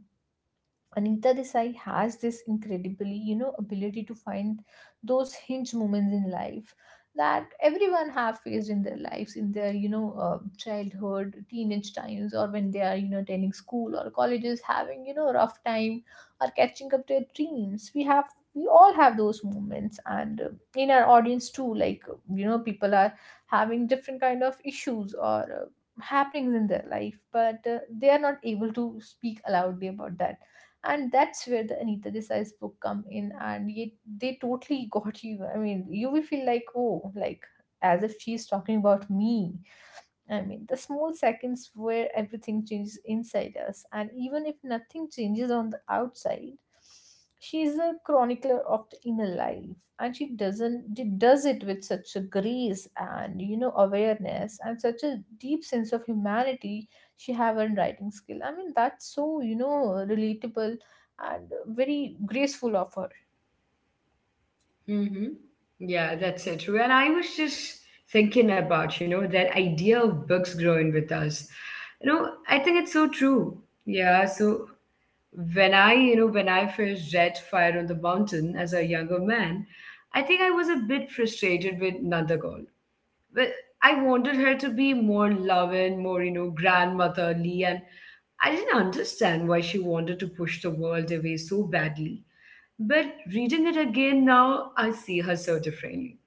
Speaker 2: Anita Desai has this incredibly, you know, ability to find those hinge moments in life that everyone have faced in their lives, in their, childhood, teenage times, or when they are, you know, attending school or colleges, having, you know, rough time or catching up their dreams. We all have those moments, and in our audience too, like you know, people are having different kind of issues or uh, happenings in their life, but they are not able to speak loudly about that, and that's where the Anita Desai's book come in, and yet they totally got you. I mean, you will feel like, oh, like as if she's talking about me. I mean, the small seconds where everything changes inside us, and even if nothing changes on the outside, she is a chronicler of the inner life, and she doesn't she does it with such a grace and you know awareness and such a deep sense of humanity she have in writing skill. I mean, that's so you know relatable and very graceful of her.
Speaker 1: Mm-hmm. Yeah, that's it. When I was just thinking about, you know, that idea of books growing with us, you know, I think it's so true. Yeah, so when I first read Fire on the Mountain as a younger man, I think I was a bit frustrated with Nandagol. But I wanted her to be more loving, more, you know, grandmotherly. And I didn't understand why she wanted to push the world away so badly. But reading it again now, I see her so differently.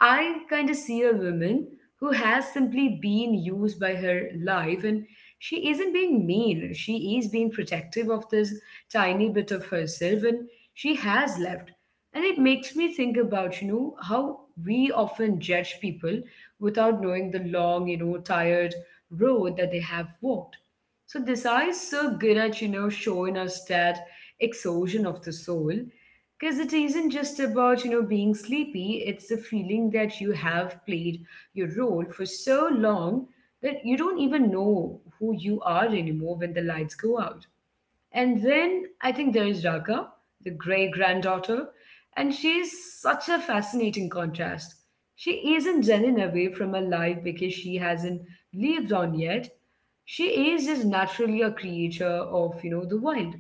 Speaker 1: I kind of see a woman who has simply been used by her life, and she isn't being mean. She is being protective of this tiny bit of herself and she has left. And it makes me think about, you know, how we often judge people without knowing the long, you know, tired road that they have walked. So Desai is so good at, you know, showing us that exhaustion of the soul, because it isn't just about you know being sleepy. It's the feeling that you have played your role for so long that you don't even know who you are anymore when the lights go out. And then I think there is Raga, the great granddaughter, and she is such a fascinating contrast. She isn't running away from her life because she hasn't lived on yet. She is just naturally a creature of, you know, the wild.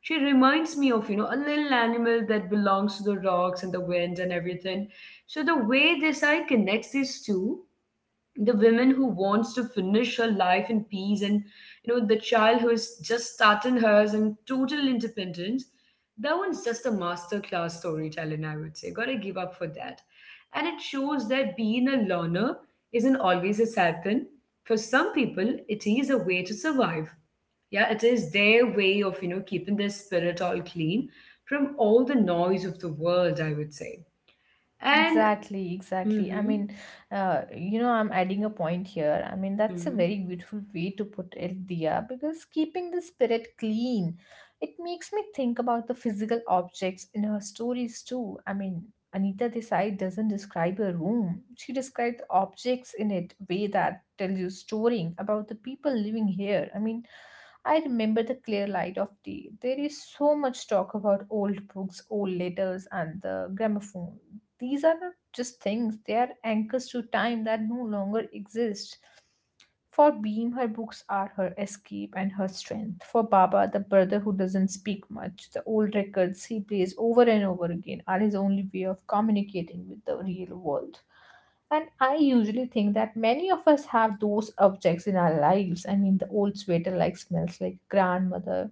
Speaker 1: She reminds me of, you know, a little animal that belongs to the rocks and the wind and everything. So the way this side connects these two, the woman who wants to finish her life in peace and you know the child who is just starting hers and total independence, that one's just a masterclass class storytelling, I would say. Gotta give up for that. And it shows that being a learner isn't always a sad thing. For some people it is a way to survive. Yeah, it is their way of you know keeping their spirit all clean from all the noise of the world, I would say. And
Speaker 2: Exactly, exactly. I
Speaker 1: mhm,
Speaker 2: mean, you know, I'm adding a point here. I mean, that's a very
Speaker 1: mhm.
Speaker 2: beautiful way to put it, Dia, because keeping the spirit clean, it makes me think about the physical objects in her stories too. I mean, Anita Desai doesn't describe a room. She describes the objects in it way that tell you story about the people living here. I mean, I remember the clear light of day. There is so much talk about old books, old letters, and the gramophone. These are not just things, they are anchors to time that no longer exist. For Beam, her books are her escape and her strength. For Baba, the brother who doesn't speak much, the old records he plays over and over again are his only way of communicating with the real world. And I usually think that many of us have those objects in our lives. I mean, the old sweater like smells like grandmother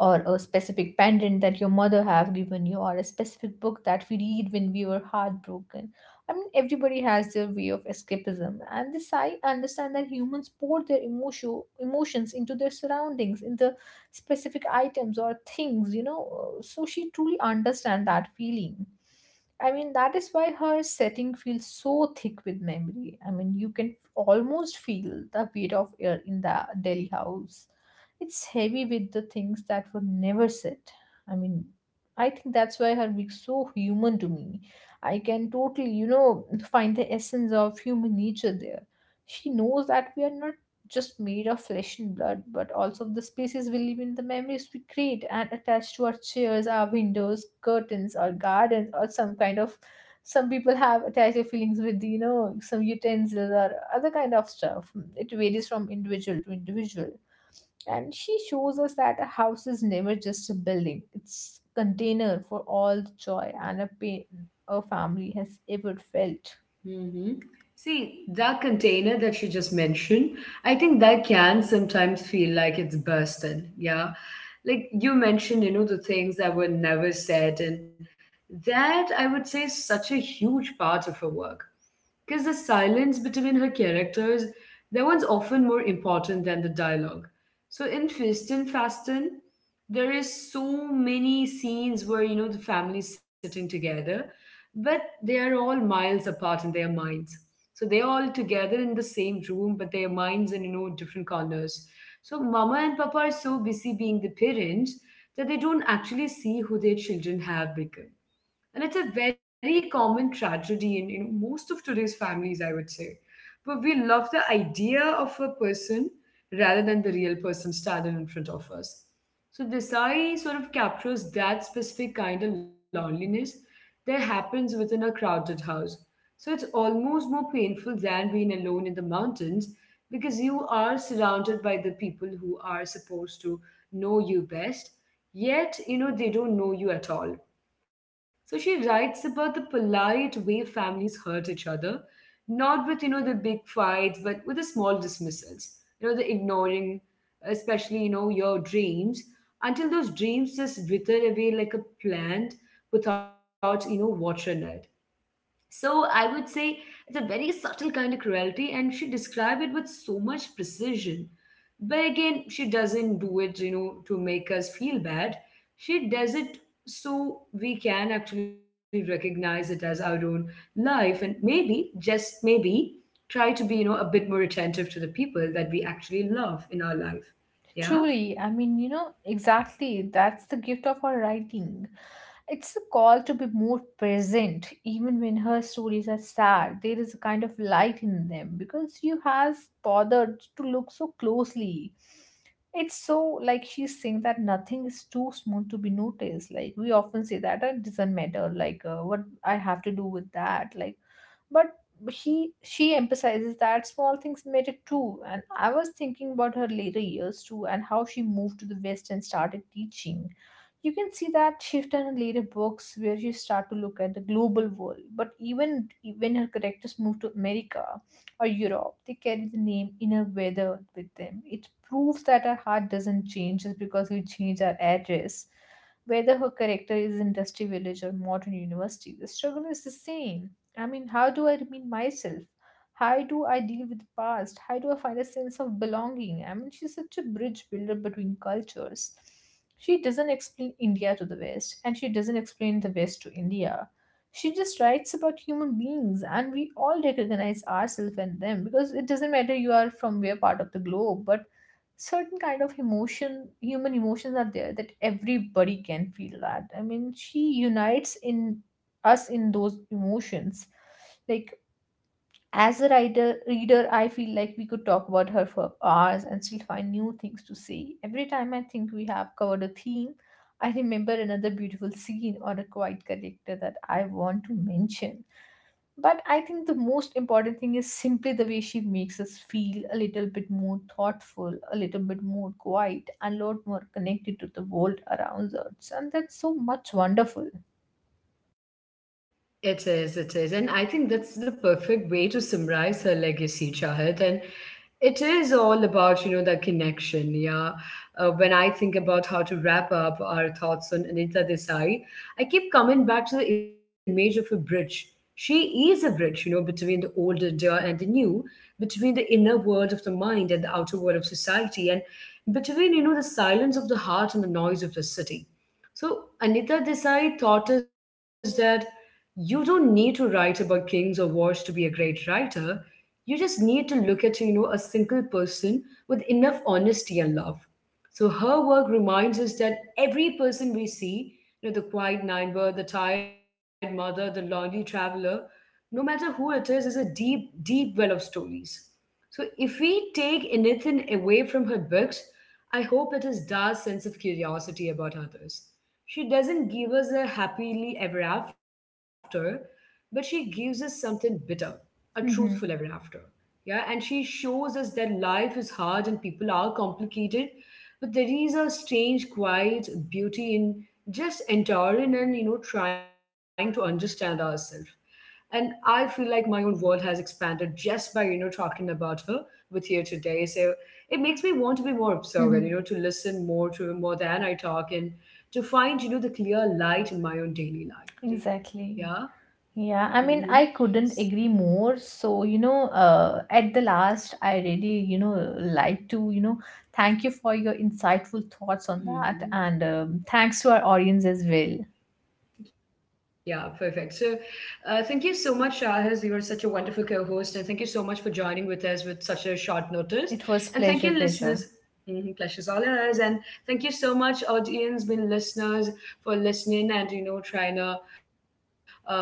Speaker 2: or a specific pendant that your mother have given you or a specific book that we read when we were heartbroken. I mean, everybody has their way of escapism, and this I understand that humans pour their emotions into their surroundings in the specific items or things, you know. So she truly understand that feeling. I mean, that is why her setting feels so thick with memory. I mean, you can almost feel the weight of air in the Delhi house. It's heavy with the things that were never said. I mean, I think that's why her being so human to me. I can totally, you know, find the essence of human nature there. She knows that we are not just made of flesh and blood, but also of the spaces we live in, the memories we create and attach to our chairs, our windows, curtains, our gardens, or some kind of. Some people have attached their feelings with, you know, some utensils or other kind of stuff. It varies from individual to individual, and she shows us that a house is never just a building. It's a container for all the joy and a pain a family has ever felt.
Speaker 1: hmm see, that container that you just mentioned, I think that can sometimes feel like it's bursting. Yeah. Like you mentioned, you know, the things that were never said. And that, I would say, is such a huge part of her work. Because the silence between her characters, that one's often more important than the dialogue. So in Fist and Fasten, there is so many scenes where, you know, the family is sitting together but they are all miles apart in their minds. So they're all together in the same room, but their minds in you know different corners. So mama and papa are so busy being the parents that they don't actually see who their children have become, and it's a very common tragedy in you know, most of today's families, I would say. But we love the idea of a person rather than the real person standing in front of us. So Desai sort of captures that specific kind of loneliness that happens within a crowded house. So it's almost more painful than being alone in the mountains, because you are surrounded by the people who are supposed to know you best, yet you know they don't know you at all. So she writes about the polite way families hurt each other, not with, you know, the big fights, but with the small dismissals, you know, the ignoring, especially, you know, your dreams, until those dreams just wither away like a plant without, you know, watering it. So I would say it's a very subtle kind of cruelty, and she described it with so much precision. But again, she doesn't do it, you know, to make us feel bad. She does it so we can actually recognize it as our own life, and maybe, just maybe, try to be, you know, a bit more attentive to the people that we actually love in our life. Yeah.
Speaker 2: Truly, I mean, you know, exactly. That's the gift of her writing. It's a call to be more present, even when her stories are sad. There is a kind of light in them because you has bothered to look so closely. It's so like she's saying that nothing is too small to be noticed. Like we often say that, "Ah, it doesn't matter. Like what I have to do with that. Like, but but she emphasizes that small things matter too. And I was thinking about her later years too, and how she moved to the west and started teaching. You can see that shift in her later books where you start to look at the global world, but even when her characters move to America or Europe, they carry the name inner weather with them. It proves that our heart doesn't change just because we change our address. Whether her character is industrial village or modern university, the struggle is the same. I mean, how do I remain myself? How do I deal with the past? How do I find a sense of belonging? I mean, she's such a bridge builder between cultures. She doesn't explain India to the West, and she doesn't explain the West to India. She just writes about human beings, and we all recognize ourselves and them, because it doesn't matter you are from where part of the globe, but certain kind of emotion human emotions are there that everybody can feel that. I mean, she unites in us in those emotions. Like as a writer reader, I feel like we could talk about her for hours and still find new things to say. Every time I think we have covered a theme, I remember another beautiful scene or a quiet character that I want to mention. But I think the most important thing is simply the way she makes us feel a little bit more thoughtful, a little bit more quiet, and a lot more connected to the world around us, and that's so much wonderful.
Speaker 1: It is, it is. And I think that's the perfect way to summarize her legacy, Chahat. And it is all about, you know, the connection. Yeah. When I think about how to wrap up our thoughts on Anita Desai, I keep coming back to the image of a bridge. She is a bridge, you know, between the old India and the new, between the inner world of the mind and the outer world of society, and between, you know, the silence of the heart and the noise of the city. So Anita Desai taught us that you don't need to write about kings or wars to be a great writer. You just need to look at, you know, a single person with enough honesty and love. So her work reminds us that every person we see, you know, the quiet neighbor, the tired mother, the lonely traveler, no matter who it is a deep, deep well of stories. So, if we take anything away from her books, I hope it is Da's sense of curiosity about others. She doesn't give us a happily ever after, but she gives us something bitter, a truthful ever after. Yeah, and she shows us that life is hard and people are complicated, but there is a strange, quiet beauty in just enduring and you know trying to understand ourselves. And I feel like my own world has expanded just by, you know, talking about her with you today. So it makes me want to be more observant, you know, to listen more to more than I talk and to find, you know, the clear light in my own daily life. Yeah.
Speaker 2: Exactly.
Speaker 1: Mm-hmm.
Speaker 2: Yeah, I mean, I couldn't agree more. So, you know, at the last, I really, you know, like to, thank you for your insightful thoughts on that.
Speaker 1: Mm-hmm.
Speaker 2: And thanks to our audience as well.
Speaker 1: Yeah, perfect. So, thank you so much, Shahiz. You were such a wonderful co host, and thank you so much for joining with us with such a short notice.
Speaker 2: It was
Speaker 1: And thank you,
Speaker 2: pleasure,
Speaker 1: listeners.
Speaker 2: pleasure.
Speaker 1: Mm-hmm, pleasure's all ours. And thank you so much, audience, been listeners, for listening and, you know, trying to uh,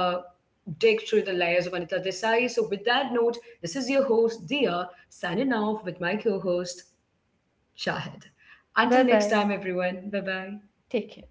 Speaker 1: dig through the layers of Anita Desai. So, with that note, this is your host, Dia, signing off with my co host, Shahid.
Speaker 2: Bye
Speaker 1: Until next
Speaker 2: bye.
Speaker 1: time, everyone. Bye bye.
Speaker 2: Take care.